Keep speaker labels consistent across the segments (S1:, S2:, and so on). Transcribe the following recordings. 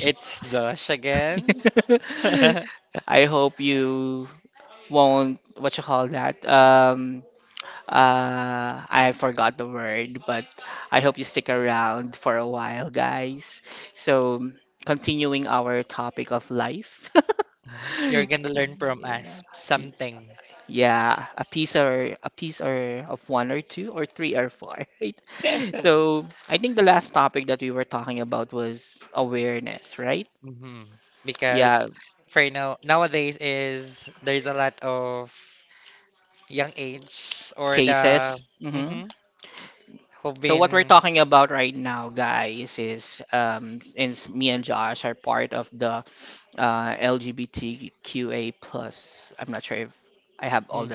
S1: It's Josh again. You're gonna learn from us something. hmm Because for now, nowadays is there's a lot of young age or the mm-hmm, who've been mm,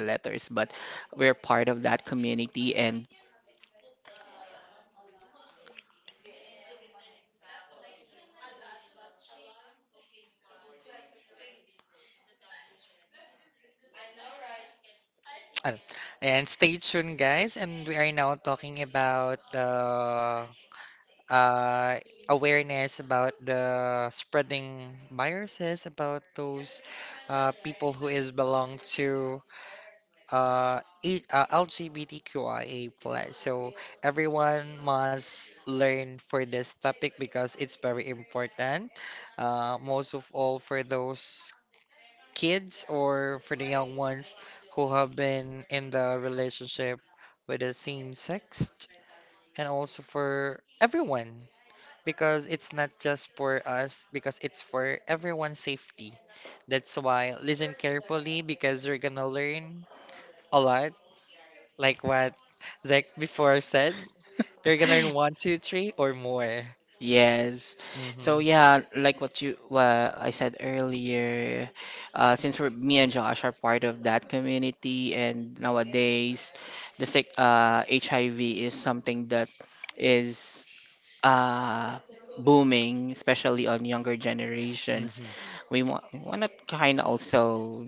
S1: ano. And stay tuned guys and we are now talking about the uh, awareness about the spreading viruses about those people who is belong to it LGBTQIA plus. So everyone must learn for this topic because it's very important. Most of all for those kids or for the young ones who have been in the relationship with the same sex, and also for everyone because it's not just for us because it's for everyone's safety. That's why listen carefully because you're gonna learn a lot like what Zach before said, you're gonna learn one, two, three, or more.
S2: Yes.
S1: Mm-hmm.
S2: So yeah, like what I said earlier, since we're me and Josh are part of that community, and nowadays the sick HIV is something that is uh, booming, especially on younger generations.
S1: Mm-hmm.
S2: We want to kind of also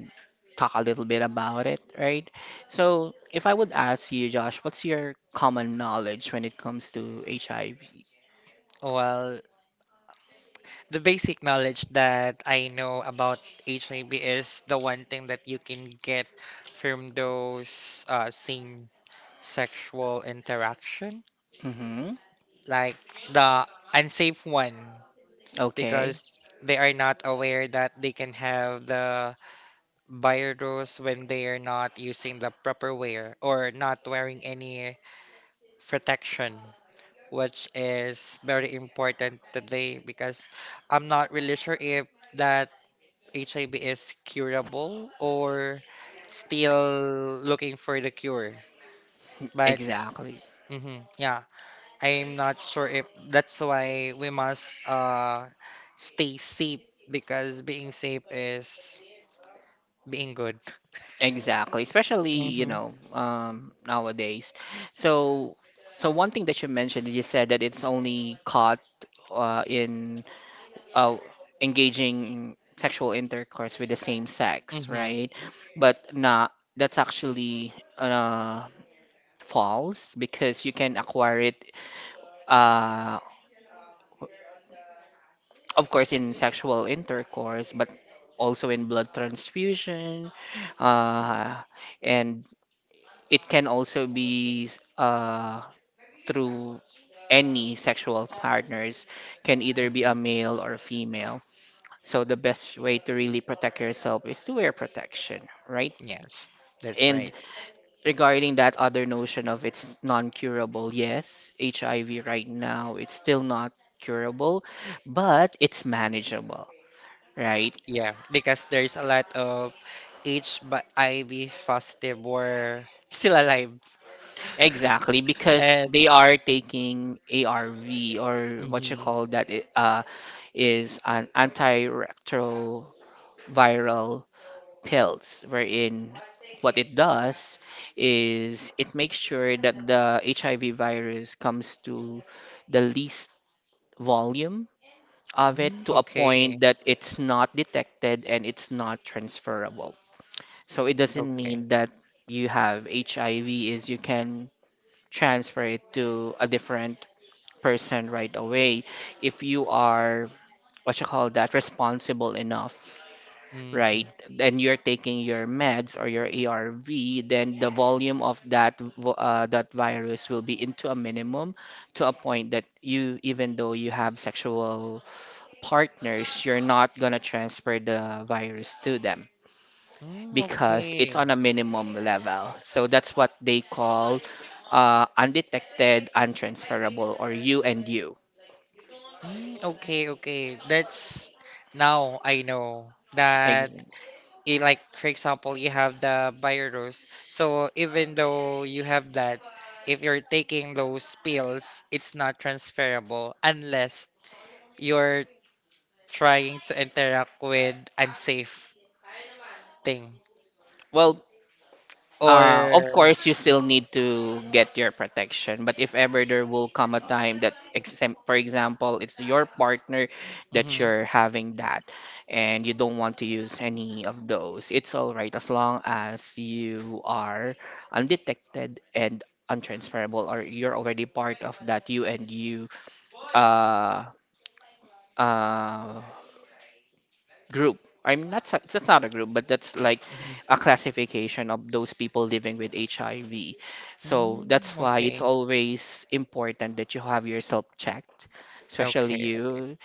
S2: talk a little bit about it, right? So if I would ask you, Josh, what's your common knowledge when it comes to HIV?
S1: Well, the basic knowledge that I know about HIV is the one thing that you can get from those same sexual interaction,
S2: Mm-hmm.
S1: like the unsafe one,
S2: Okay.
S1: because they are not aware that they can have the virus when they are not using the proper wear or not wearing any protection, which is very important today because I'm not really sure if that HIV is curable or still looking for the cure. But
S2: Exactly.
S1: mhm, yeah, I'm not sure if that's why we must stay safe because being safe is being good.
S2: Exactly. Especially,
S1: Hmm.
S2: nowadays. So, so one thing that you mentioned, you said that it's only caught in uh, engaging sexual intercourse with the same sex,
S1: Hmm.
S2: right? But not, that's actually false because you can acquire it, uh, of course, in sexual intercourse, but also in blood transfusion, uh, and it can also be uh, through any sexual partners, can either be
S1: Hmm.
S2: a male or a female. So the best way to really protect yourself is to wear protection, right?
S1: Yes, that's
S2: And
S1: right.
S2: regarding that other notion of it's non-curable, yes, HIV right now, it's still not curable, but it's manageable, right?
S1: Yeah, because there's a lot of H but HIV positive were still alive.
S2: Exactly, because
S1: And
S2: they are taking ARV or what you
S1: mhm.
S2: call that is an antiretroviral pills, wherein what it does is it makes sure that the HIV virus comes to the least volume of it
S1: Mm,
S2: to a
S1: okay,
S2: point that it's not detected and it's not transferable. So it doesn't
S1: okay.
S2: mean that you have HIV is you can transfer it to a different person right away if you are what you call that responsible enough, right?
S1: Hmm.
S2: Then you're taking your meds or your ARV, then the volume of that virus will be into a minimum to a point that you, even though you have sexual partners, you're not going to transfer the virus to them
S1: Mm,
S2: because it's
S1: okay.
S2: on a minimum level. So that's what they call undetected, untransferable, or you and you.
S1: Mm, okay, okay. That's now I know that
S2: Ex-
S1: it, like for example, you have the virus. So even though you have that, if you're taking those pills, it's not transferable unless you're trying to interact with unsafe thing
S2: Well, of
S1: or
S2: course, you still need to get your protection, but if ever there will come a time that, for example, it's your partner that
S1: mm-hmm,
S2: you're having that, and you don't want to use any of those, it's all right as long as you are undetected and untransferable, or you're already part of that you and you uh, uh, group. I'm not sa- That's not a group, but that's like
S1: mm-hmm.
S2: a classification of those people living with HIV. So
S1: Mm,
S2: that's why it's
S1: okay,
S2: always important that you have yourself checked, especially
S1: okay, okay.
S2: you,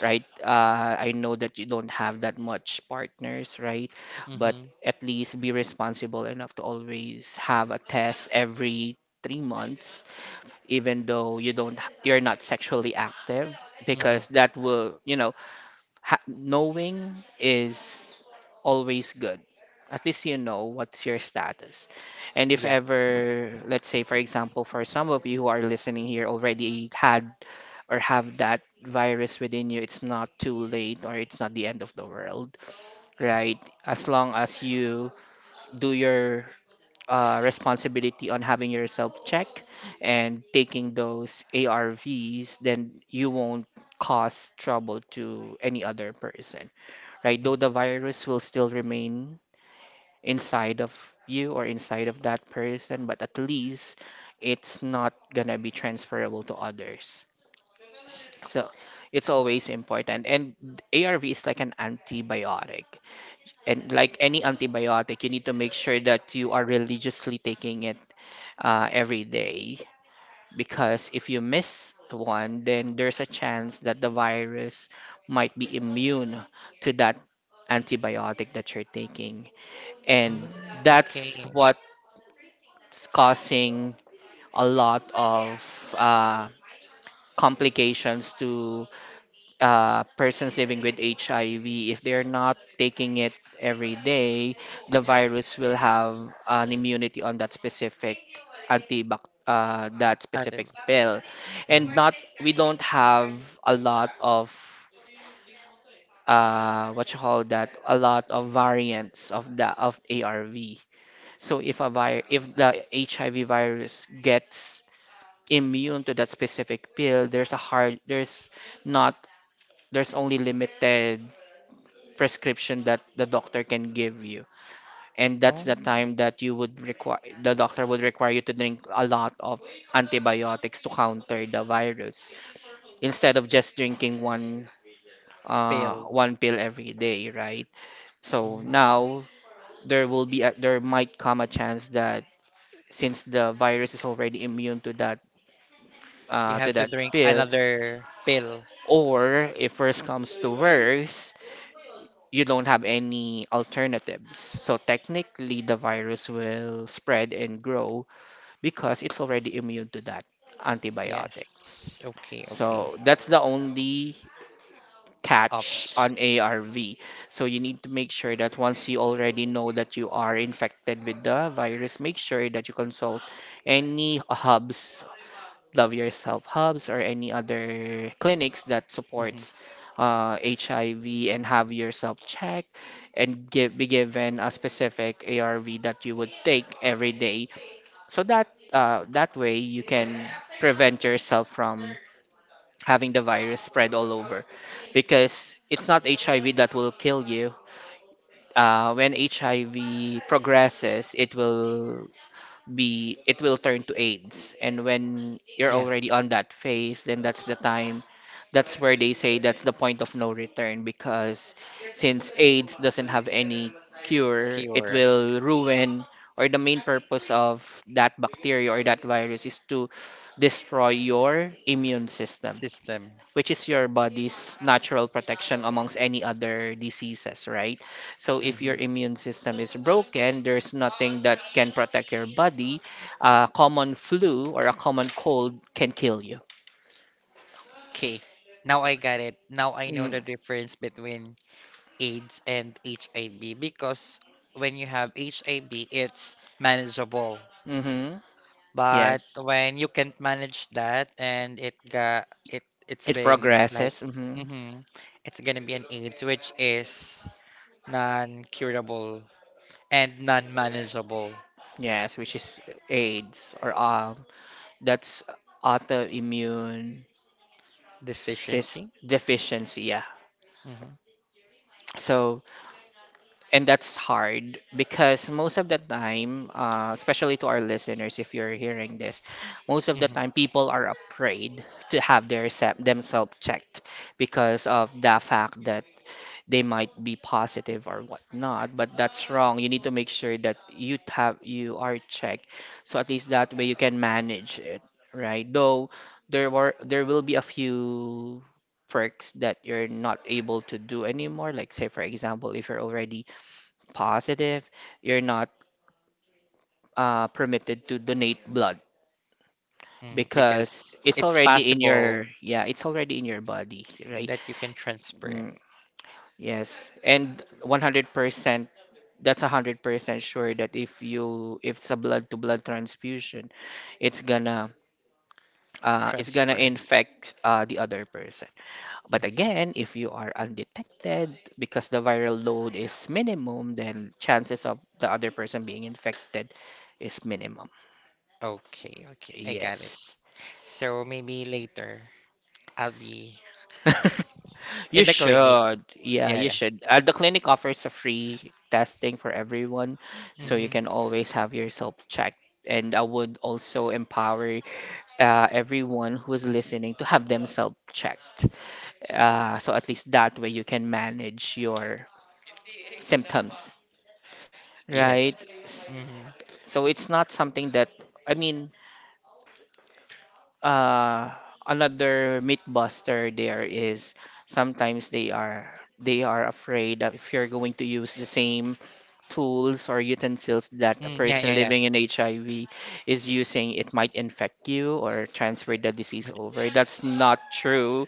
S2: right? I know that you don't have that much partners, right? But
S1: Mm-hmm,
S2: at least be responsible enough to always have a test every three months, even though you're not sexually active, because
S1: mm-hmm.
S2: that will, you know, knowing is always good. At least you know what's your status. And if
S1: Yeah.
S2: ever, let's say, for example, for some of you who are listening here already had or have that virus within you, it's not too late or it's not the end of the world, right? As long as you do your responsibility on having yourself checked and taking those ARVs, then you won't cause trouble to any other person, right? Though the
S1: Mm.
S2: virus will still remain inside of you or inside of that person, but at least it's not gonna be transferable to others. So it's always important. And ARV is like an antibiotic. And like any antibiotic, you need to make sure that you are religiously taking it every day. Because if you miss one, then there's a chance that the virus might be immune to that antibiotic that you're taking, and
S1: Mm, okay.
S2: that's what's causing a lot of uh, complications to persons living with HIV. If they're not taking it every day, the virus will have an immunity on that specific antibac that
S1: Other.
S2: specific pill, and not,
S1: Mm-hmm.
S2: we don't have a lot of what you call that, a lot of variants of the of ARV. So if a vi if the HIV virus gets immune to that specific pill, there's a hard there's not, there's only limited prescription that the doctor can give you. And that's
S1: Oh.
S2: the time that you would require the doctor would require you to drink a lot of antibiotics to counter the virus instead of just drinking one uh
S1: Pill.
S2: one pill every day, right? So
S1: Mm.
S2: now there might come a chance that since the virus is already immune
S1: You have
S2: to
S1: to
S2: that
S1: drink
S2: pill,
S1: another pill.
S2: or if worse comes to worse, you don't have any alternatives, so technically the virus will spread and grow because it's already immune to that antibiotic.
S1: Yes, okay, okay.
S2: So that's the only catch
S1: Ops.
S2: on ARV. So you need to make sure that once you already know that you are infected with the virus, make sure that you consult any hubs, Love Yourself Hubs or any other clinics that supports
S1: Mm-hmm.
S2: HIV, and have yourself checked and be given a specific ARV that you would take every day. So that that way you can prevent yourself from having the virus spread all over, because it's not HIV that will kill you. When HIV progresses, it will turn to AIDS. And when you're
S1: Yeah.
S2: already on that phase, then that's where they say that's the point of no return, because since AIDS doesn't have any cure, it
S1: Cure.
S2: will ruin, or the main purpose of that bacteria or that virus is to destroy your immune system,
S1: System.
S2: which is your body's natural protection amongst any other diseases, right? So if your
S1: Mm-hmm.
S2: immune system is broken, there's nothing that can protect your body. A common flu or a common cold can kill you.
S1: Okay, now I got it, now I know the
S2: Mm,
S1: difference between AIDS and HIV because when you have HIV, it's manageable.
S2: hmm.
S1: But
S2: Yes,
S1: when you can't manage that and it got it it's
S2: it
S1: been like
S2: progresses. Hmm.
S1: hmm it's gonna be an AIDS which is non-curable and non-manageable
S2: Yes, which is AIDS or that's autoimmune cis
S1: deficiency.
S2: deficiency. Yeah.
S1: Hmm.
S2: So, and that's hard because most of the time, especially to our listeners, if you're hearing this, most of the
S1: Hmm.
S2: time people are afraid to have themselves checked because of the fact that they might be positive or whatnot. But that's wrong. You need to make sure that you are checked, so at least that way you can manage it, right? Though there will be a few perks that you're not able to do anymore. Like say for example, if you're already positive, you're not permitted to donate blood
S1: Because
S2: because it's
S1: it's
S2: already in
S1: possible
S2: your, it's already in your body, right?
S1: that you can transfer.
S2: Mm, yes, and 100%, that's 100% sure that if it's a blood to blood transfusion, it's gonna it's gonna
S1: Transfer.
S2: infect the other person. But again, if you are undetected because the viral load is minimum, then chances of the other person being infected is minimum.
S1: Okay, okay, I got it.
S2: Yes.
S1: So maybe later I'll be
S2: You
S1: in the clinic.
S2: should. Yeah,
S1: Yeah,
S2: you
S1: yeah.
S2: should. The clinic offers a free testing for everyone, so you
S1: Mm-hmm.
S2: can always have yourself checked. And I would also empower everyone who is listening to have themselves checked. So at least that way you can manage your symptoms, right?
S1: Yes.
S2: S-
S1: Mm-hmm.
S2: So it's not something that, I mean, uh, another myth buster there is, sometimes they are afraid that if you're going to use the same tools or utensils that a
S1: Mm, yeah, yeah,
S2: person
S1: yeah.
S2: living in HIV is using, it might infect you or transfer the disease
S1: But
S2: over. That's not true,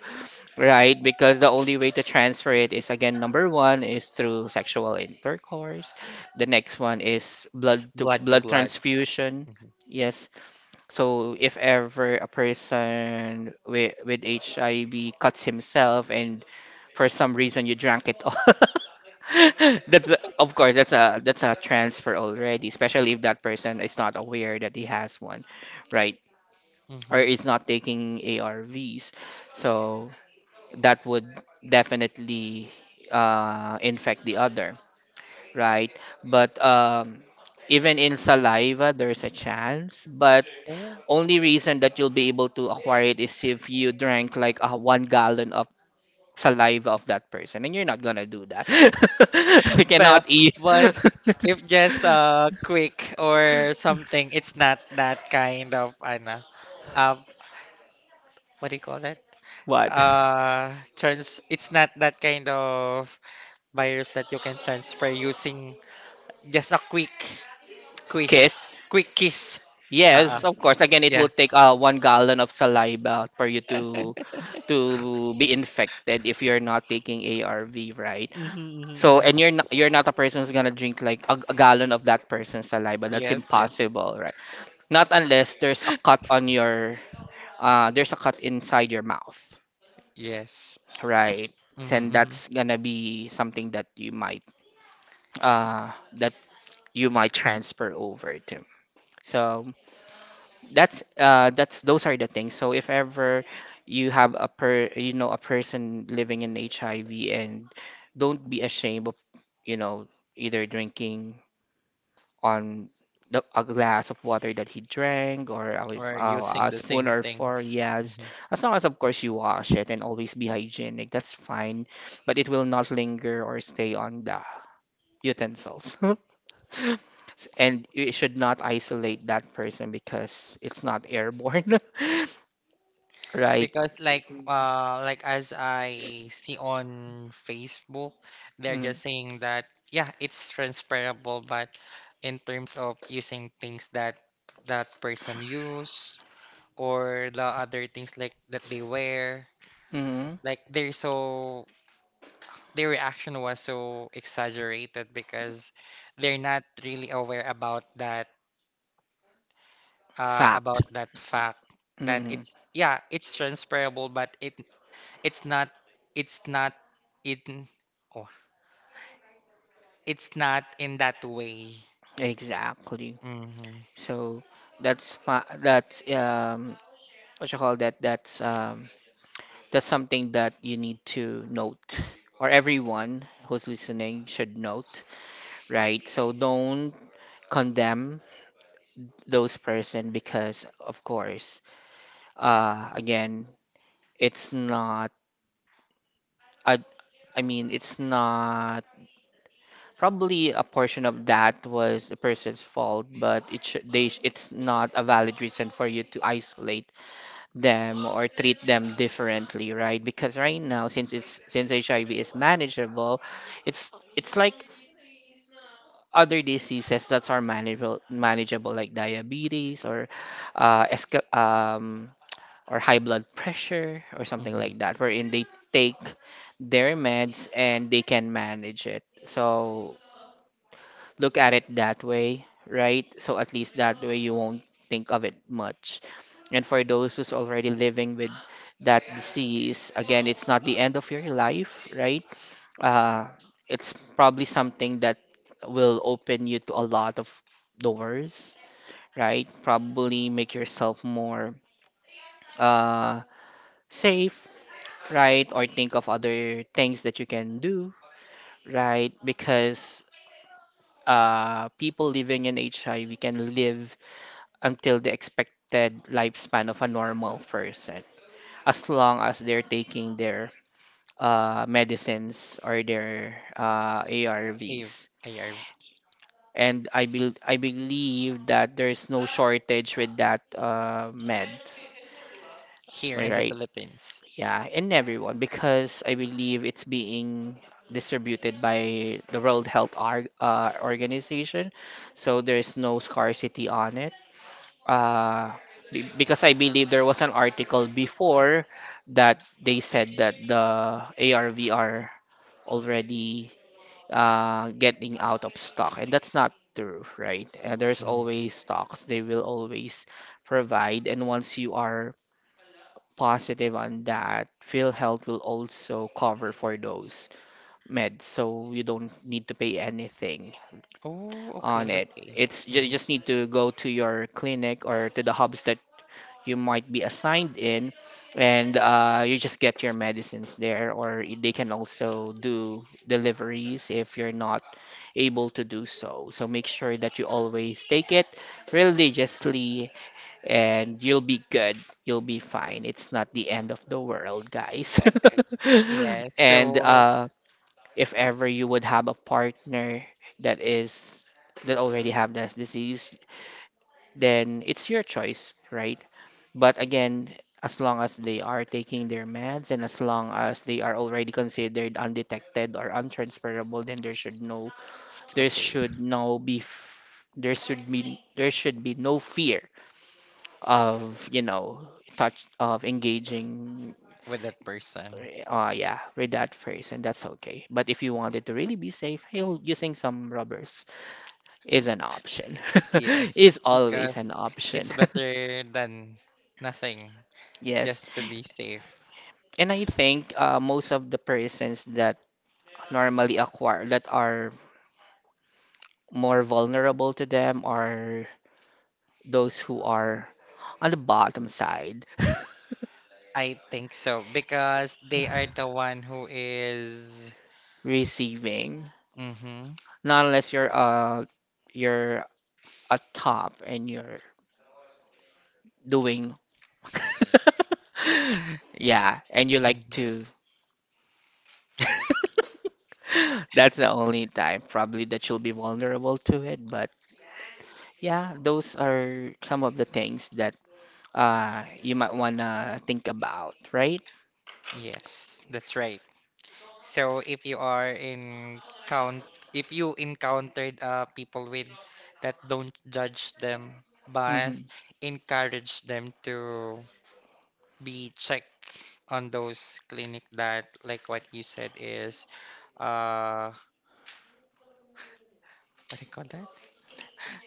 S2: right? Because the only way to transfer it is, again, number one is through sexual intercourse. The next one is
S1: it's
S2: blood to
S1: blood to
S2: blood
S1: blood.
S2: transfusion.
S1: Mm-hmm.
S2: Yes, so if ever a person with HIV cuts himself and for some reason you drank it all, of course that's a, that's a transfer already, especially if that person is not aware that he has one, right? Or
S1: Mm-hmm.
S2: is not taking ARVs. So that would definitely infect the other, right? But even in saliva, there's a chance, but
S1: Oh.
S2: only reason that you'll be able to acquire it is if you drank like one gallon of saliva of that person, and you're not gonna do that. We
S1: Pero,
S2: cannot eat.
S1: but if just quick or something, it's not that kind of ano, uh, what do you call that?
S2: What?
S1: Trans. It's not that kind of virus that you can transfer using just a
S2: Kiss?
S1: quick kiss. Uh-uh.
S2: Yes, of course. Again, it will
S1: Yeah.
S2: take one gallon of saliva for you to be infected if you're not taking ARV, right? So,
S1: Mm-hmm,
S2: and you're not a person who's gonna drink like a gallon of that person's saliva. That's
S1: yes, yes,
S2: impossible, right? Not unless there's a cut on your there's a cut inside your mouth,
S1: yes.
S2: right? And
S1: Mm-hmm, mm-hmm.
S2: that's gonna be something that you might transfer over to. So that's those are the things. So if ever you have a person living in HIV and don't be ashamed of, you know either drinking on the a glass of water that he drank, or
S1: Or
S2: a,
S1: using
S2: a
S1: the
S2: spoon
S1: same
S2: or four.
S1: things.
S2: Yes, as long as, of course, you wash it and always be hygienic, that's fine. But it will not linger or stay on the utensils And you should not isolate that person because it's not airborne. Right.
S1: Because like as I see on Facebook, they're
S2: Mm.
S1: just saying that yeah, it's transferable, but in terms of using things that that person use or the other things like that they wear,
S2: Mm.
S1: like they're so their reaction was so exaggerated because they're not really aware
S2: Fact.
S1: about that fact that
S2: Mm.
S1: it's yeah, it's transferable, but it's not, it's not in oh, it's not in that way.
S2: Exactly.
S1: Mm-hmm.
S2: So that's my that's what you call that that's that's something that you need to note, or everyone who's listening should note, right? So don't condemn those person because, of course, again, it's not. I, I mean, it's not. Probably a portion of that was the person's fault, but it sh- they sh- it's not a valid reason for you to isolate them or treat them differently, right? Because right now, since HIV is manageable, it's it's like other diseases that's are manageable like diabetes or uh, esca- um or high blood pressure or something
S1: Mm-hmm.
S2: like that, wherein they take their meds and they can manage it. So look at it that way, right? So at least that way you won't think of it much. And for those who's already living with that disease, again, it's not the end of your life, right? uh, it's probably something that will open you to a lot of doors, right? Probably make yourself more uh, safe, right? Or think of other things that you can do, right? Because people living in HIV can live until the expected lifespan of a normal person, as long as they're taking their medicines or their
S1: If
S2: ARVs.
S1: ARV
S2: And I believe that there is no shortage with that meds.
S1: here
S2: All
S1: in the
S2: right,
S1: Philippines.
S2: yeah, and everyone, because I believe it's being distributed by the World Health Organization, so there is no scarcity on it. Uh, because I believe there was an article before that they said that the ARV are already getting out of stock, and that's not true, right? And there's always stocks, they will always provide. And once you are positive on that, PhilHealth will also cover for those meds, so you don't need to pay anything
S1: Oh,
S2: on
S1: okay,
S2: it.
S1: okay.
S2: You just need to go to your clinic or to the hubs that you might be assigned in, and you just get your medicines there, or they can also do deliveries if you're not able to do so. So make sure that you always take it religiously, and you'll be good. You'll be fine. It's not the end of the world, guys.
S1: Yeah,
S2: And
S1: so
S2: if ever you would have a partner that is that already have this disease, then it's your choice, right? But again, as long as they are taking their meds, and as long as they are already considered undetected or untransferable, then
S1: still
S2: there
S1: safe
S2: should no be f- there should be no fear of, you know, touch of engaging.
S1: with that person.
S2: Yeah, with that first, and that's okay. But if you wanted to really be safe, hell, using some rubbers is an option.
S1: Yes,
S2: Is always
S1: because
S2: an
S1: it's
S2: option.
S1: better than nothing,
S2: Yes,
S1: just to be safe.
S2: and I think most of the persons that normally acquire that are more vulnerable to them are those who are on the bottom side,
S1: I think so because they are the one who is.
S2: receiving.
S1: Mm-hmm,
S2: Not unless you're you're a top and you're doing, yeah, and you like
S1: mm-hmm.
S2: to. That's the only time probably that you'll be vulnerable to it. But yeah, those are some of the things that you might wanna think about, right?
S1: Yes, that's right. So if you are count, if you encountered people with that don't judge them, but
S2: Hmm.
S1: encourage them to be checked on those clinic that, like what you said, is uh, what do you call that?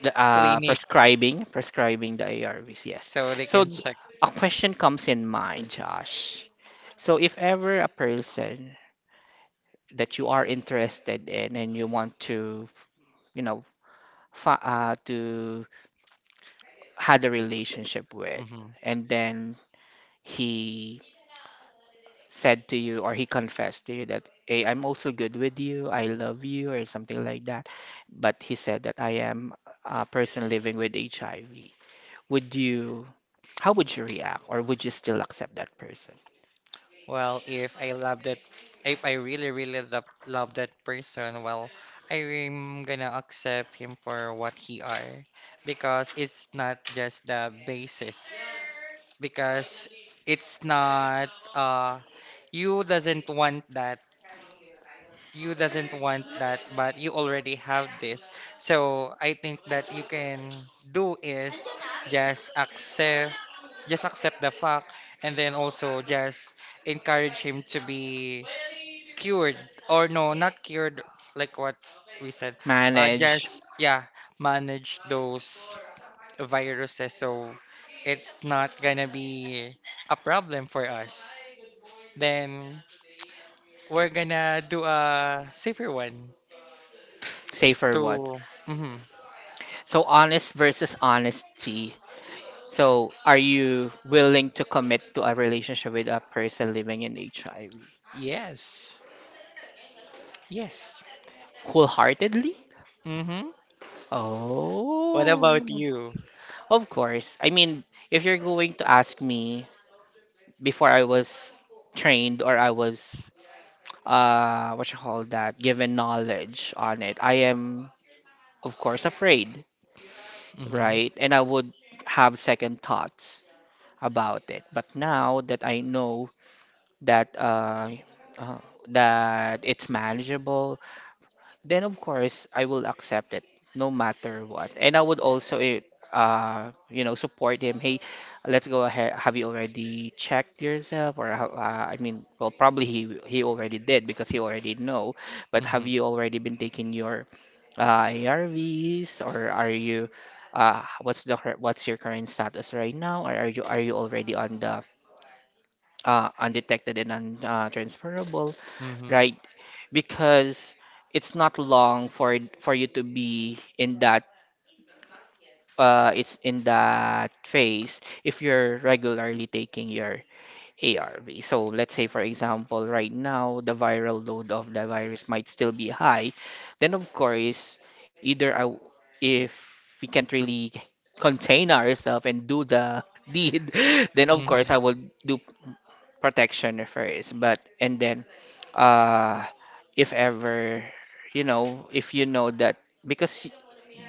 S2: The,
S1: Clinic,
S2: prescribing the ARVs, yes.
S1: so they
S2: So
S1: can
S2: d-
S1: check.
S2: a question comes in mind, Josh. So if ever a person that you are interested in and you want to, you know, fa to had a relationship with,
S1: Mhm.
S2: and then he said to you or he confessed to you that, "Hey, I'm also good with you, I love you," or something like that, but he said that, "I am a person living with HIV." Would you, how would you react, or would you still accept that person?
S1: Well, if I really, really love that person, well, I'm gonna accept him for what he are because it's not just the basis. Because it's not, you doesn't want that. You doesn't want that, but you already have this. So I think that you can do is just accept, just accept the fact, and then also just encourage him to be cured or no, not cured like what we said.
S2: Manage,
S1: Just, yeah, manage those viruses so it's not gonna be a problem for us. Then we're gonna do a safer one
S2: safer
S1: to
S2: one.
S1: mm-hmm.
S2: So honest versus honesty. So are you willing to commit to a relationship with a person living in HIV?
S1: Yes. Yes.
S2: Wholeheartedly?
S1: Mm-hmm. What about
S2: Oh,
S1: you?
S2: of course. I mean, if you're going to ask me before I was trained or I was what you call that, given knowledge on it, I am of course afraid,
S1: Mm-hmm.
S2: right? And I would have second thoughts about it. But now that I know that uh, that it's manageable, then of course I will accept it no matter what. And I would also you know, support him. "Hey, let's go ahead. Have you already checked yourself? Or I mean, well, probably he already did because he already know. But
S1: Mm-hmm.
S2: have you already been taking your ARVs, or are you what's your current status right now? Or are you, already on the undetected and transferable,
S1: Mm-hmm.
S2: right?" Because it's not long for you to be in that, it's in that phase, if you're regularly taking your ARV. So let's say, for example, right now the viral load of the virus might still be high. Then, of course, either I, w- if we can't really contain ourselves and do the deed, then of course
S1: Mm-hmm.
S2: I will do protection first. But and then, uh, if ever, you know, if you know that, because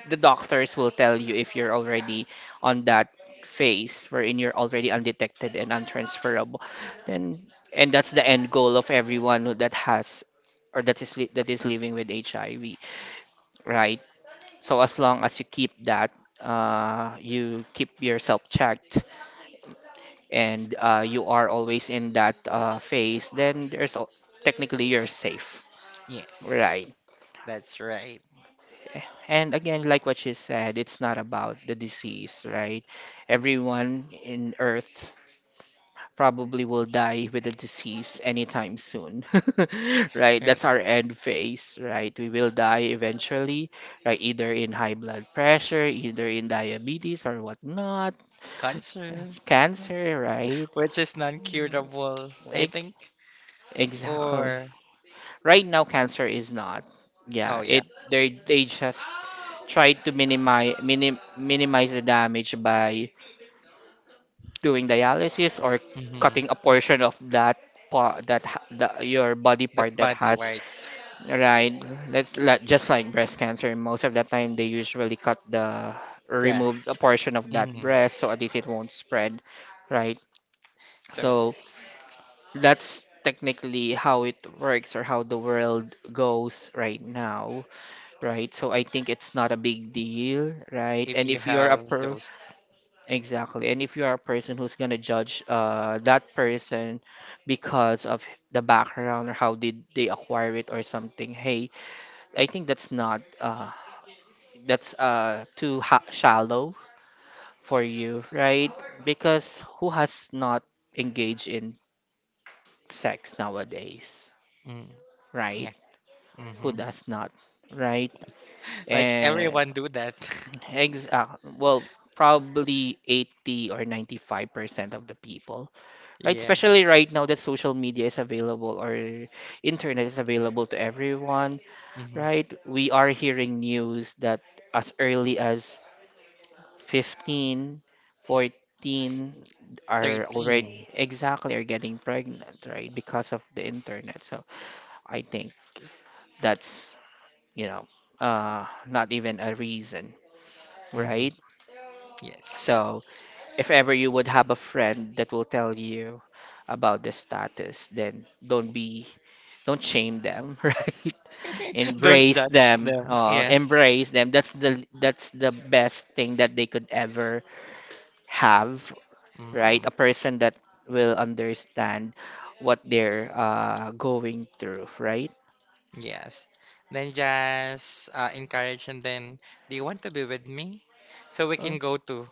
S2: the doctors will tell you if you're already on that phase wherein you're already undetected and untransferable. Then, and that's the end goal of everyone that has or that is living with HIV, right? So as long as you keep that, you keep yourself checked, and you are always in that phase, then technically you're safe,
S1: Yes.
S2: right?
S1: That's right.
S2: And again, like what she said, it's not about the disease, right? Everyone in Earth probably will die with a disease anytime soon, right?
S1: Eh,
S2: That's our end phase, right? We will die eventually, right? Either in high blood pressure, either in diabetes or whatnot,
S1: cancer.
S2: cancer, right?
S1: Which is non-curable, I
S2: Ex-
S1: think.
S2: Exactly.
S1: Or
S2: Right now, cancer is not.
S1: oh,
S2: Yeah,
S1: yeah.
S2: it they just try to minimize the damage by doing dialysis or
S1: Hmm.
S2: cutting a portion of that part your body
S1: That
S2: part that
S1: body,
S2: has,
S1: right.
S2: right? Just like breast cancer, most of the time they usually cut the
S1: Breast.
S2: remove a portion of that
S1: Hmm.
S2: breast so at least it won't spread, right?
S1: So
S2: So that's technically how it works or how the world goes right now, right? So I think it's not a big deal, right?
S1: if
S2: And
S1: you
S2: if you're a
S1: have
S2: per
S1: those,
S2: exactly. And if you are a person who's gonna judge that person because of the background or how did they acquire it or something, hey, I think that's not that's too ha shallow for you, right? Because who has not engaged in sex nowadays,
S1: mm,
S2: right?
S1: yeah,
S2: Who
S1: hmm
S2: does not, right?
S1: like
S2: And
S1: everyone do that.
S2: ex well, probably 80 or 95% of the people, right?
S1: Yeah,
S2: Especially right now that social media is available or internet is available to everyone,
S1: hmm
S2: right? We are hearing news that as early as 15, 14 are already
S1: 13.
S2: are getting pregnant, right? Because of the internet. So I think that's, you know, not even a reason,
S1: Hmm.
S2: right?
S1: Yes.
S2: So if ever you would have a friend that will tell you about the status, then don't shame them, right?
S1: Don't
S2: Embrace
S1: judge
S2: them.
S1: them. Yes.
S2: Embrace them. That's the best thing that they could ever have, right?
S1: Hmm.
S2: A person that will understand what they're going through, right?
S1: Yes. Then just encourage and then, do you want to be with me? So we
S2: Oh.
S1: can go to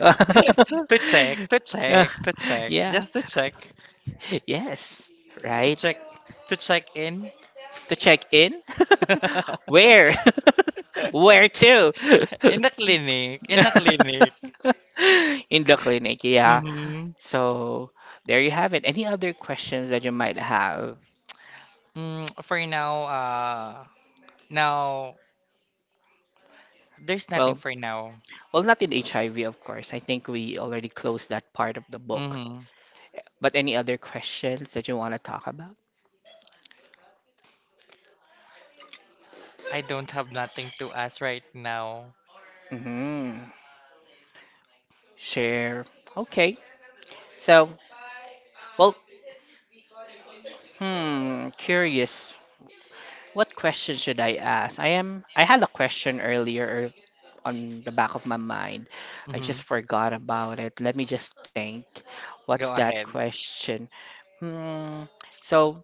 S1: to check, to
S2: Yeah,
S1: check, to check,
S2: yeah,
S1: just to check,
S2: yes,
S1: to
S2: right?
S1: check, to check in.
S2: To check in? Where? Where to?
S1: In the clinic, in the clinic.
S2: In the clinic, yeah.
S1: Mm-hmm.
S2: So there you have it. Any other questions that you might have?
S1: Mm, for now, now there's nothing
S2: Well,
S1: for now.
S2: well, not in HIV, of course. I think we already closed that part of the book.
S1: Mm-hmm.
S2: But any other questions that you want to talk about?
S1: I don't have nothing to ask right now.
S2: Hmm. Share. Okay. So, well, hmm, curious. What question should I ask? I am. I had a question earlier on the back of my mind. I
S1: Mm-hmm.
S2: just forgot about it. Let me just think. What's
S1: Go
S2: that
S1: ahead.
S2: question? Hmm. So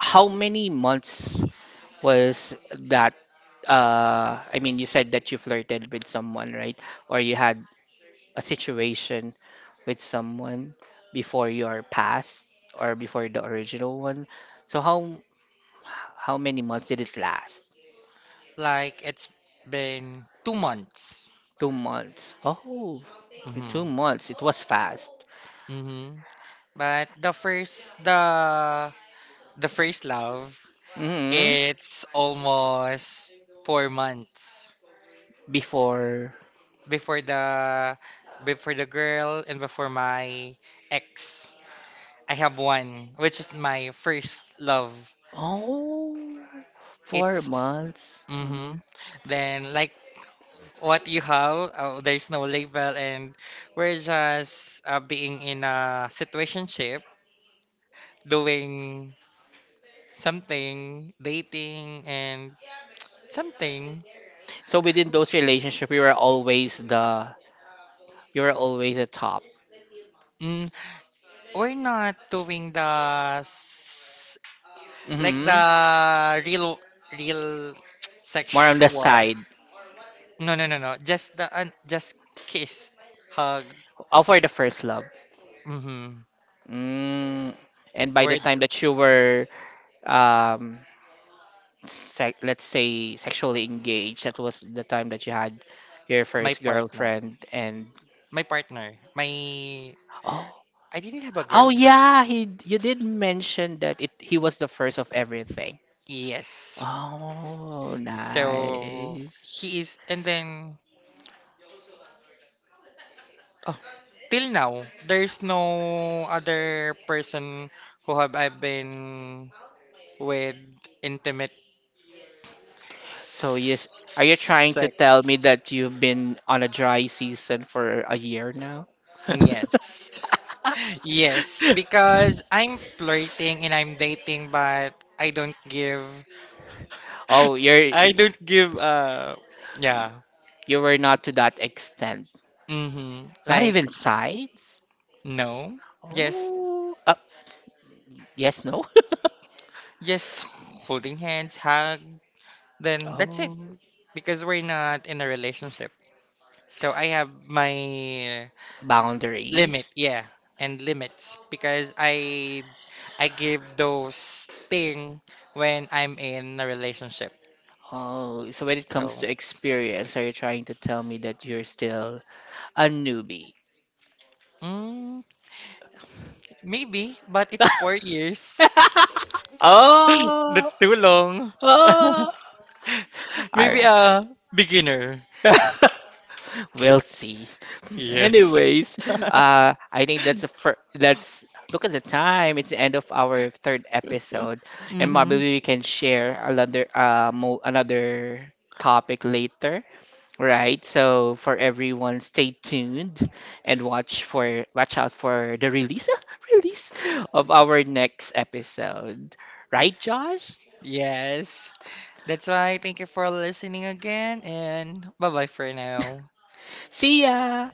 S2: how many months was that? I mean, you said that you flirted with someone, right? Or you had a situation with someone before your past or before the original one. So how many months did it last?
S1: Like it's been 2 months.
S2: 2 months. Oh, for two
S1: Mm-hmm.
S2: months. It was fast.
S1: Mm-hmm. But the first love,
S2: Hmm.
S1: it's almost 4 months
S2: Before.
S1: before the before the girl and before my ex. I have one, which is my first love.
S2: Oh, four
S1: It's
S2: months. Hmm.
S1: mm-hmm. Then like what you have, there's no label and we're just being in a situationship doing something, dating and something.
S2: So within those relationships, we were always the, you're always the top.
S1: Mm, we're not doing s- like
S2: Hmm.
S1: the real real
S2: More on the
S1: sexual.
S2: side.
S1: No, no, no, no. Just the un just kiss, hug.
S2: All for the first love.
S1: Mm-hmm.
S2: Mm. And by the
S1: With
S2: time that you were, um, let's say, sexually engaged, that was the time that you had your
S1: my
S2: first
S1: partner.
S2: girlfriend. And
S1: My partner. My
S2: oh,
S1: I didn't have a
S2: oh
S1: girlfriend.
S2: yeah, he you did mention that it he was the first of everything.
S1: Yes.
S2: Oh,
S1: So
S2: nice.
S1: he is and then oh, till now, there's no other person who have I been with intimate
S2: So yes, are you trying to tell me
S1: sex.
S2: that you've been on a dry season for a year now?
S1: Yes. Yes, because I'm flirting and I'm dating, but I don't give
S2: Oh,
S1: I don't give yeah.
S2: you were not to that extent.
S1: Mm-hmm.
S2: Not
S1: Like
S2: even sides?
S1: no. Yes.
S2: Oh, yes, no.
S1: Yes, holding hands, hug, then that's it.
S2: Oh,
S1: Because we're not in a relationship. So I have my limit, yeah,
S2: boundaries.
S1: and limits because I give those thing when I'm in a relationship.
S2: Oh, so when it comes
S1: So
S2: to experience, are you trying to tell me that you're still a newbie?
S1: mm, maybe, but it's 4 years.
S2: Oh,
S1: That's too long.
S2: oh.
S1: Maybe
S2: All
S1: a beginner.
S2: right. We'll see.
S1: Yes.
S2: Anyways, I think that's, look at the time. It's the end of our third episode, and probably
S1: Hmm.
S2: we can share another another topic later, right? So for everyone, stay tuned and watch out for the release, release of our next episode. Right, Josh?
S1: Yes. That's why thank you for listening again and bye bye for now.
S2: See ya.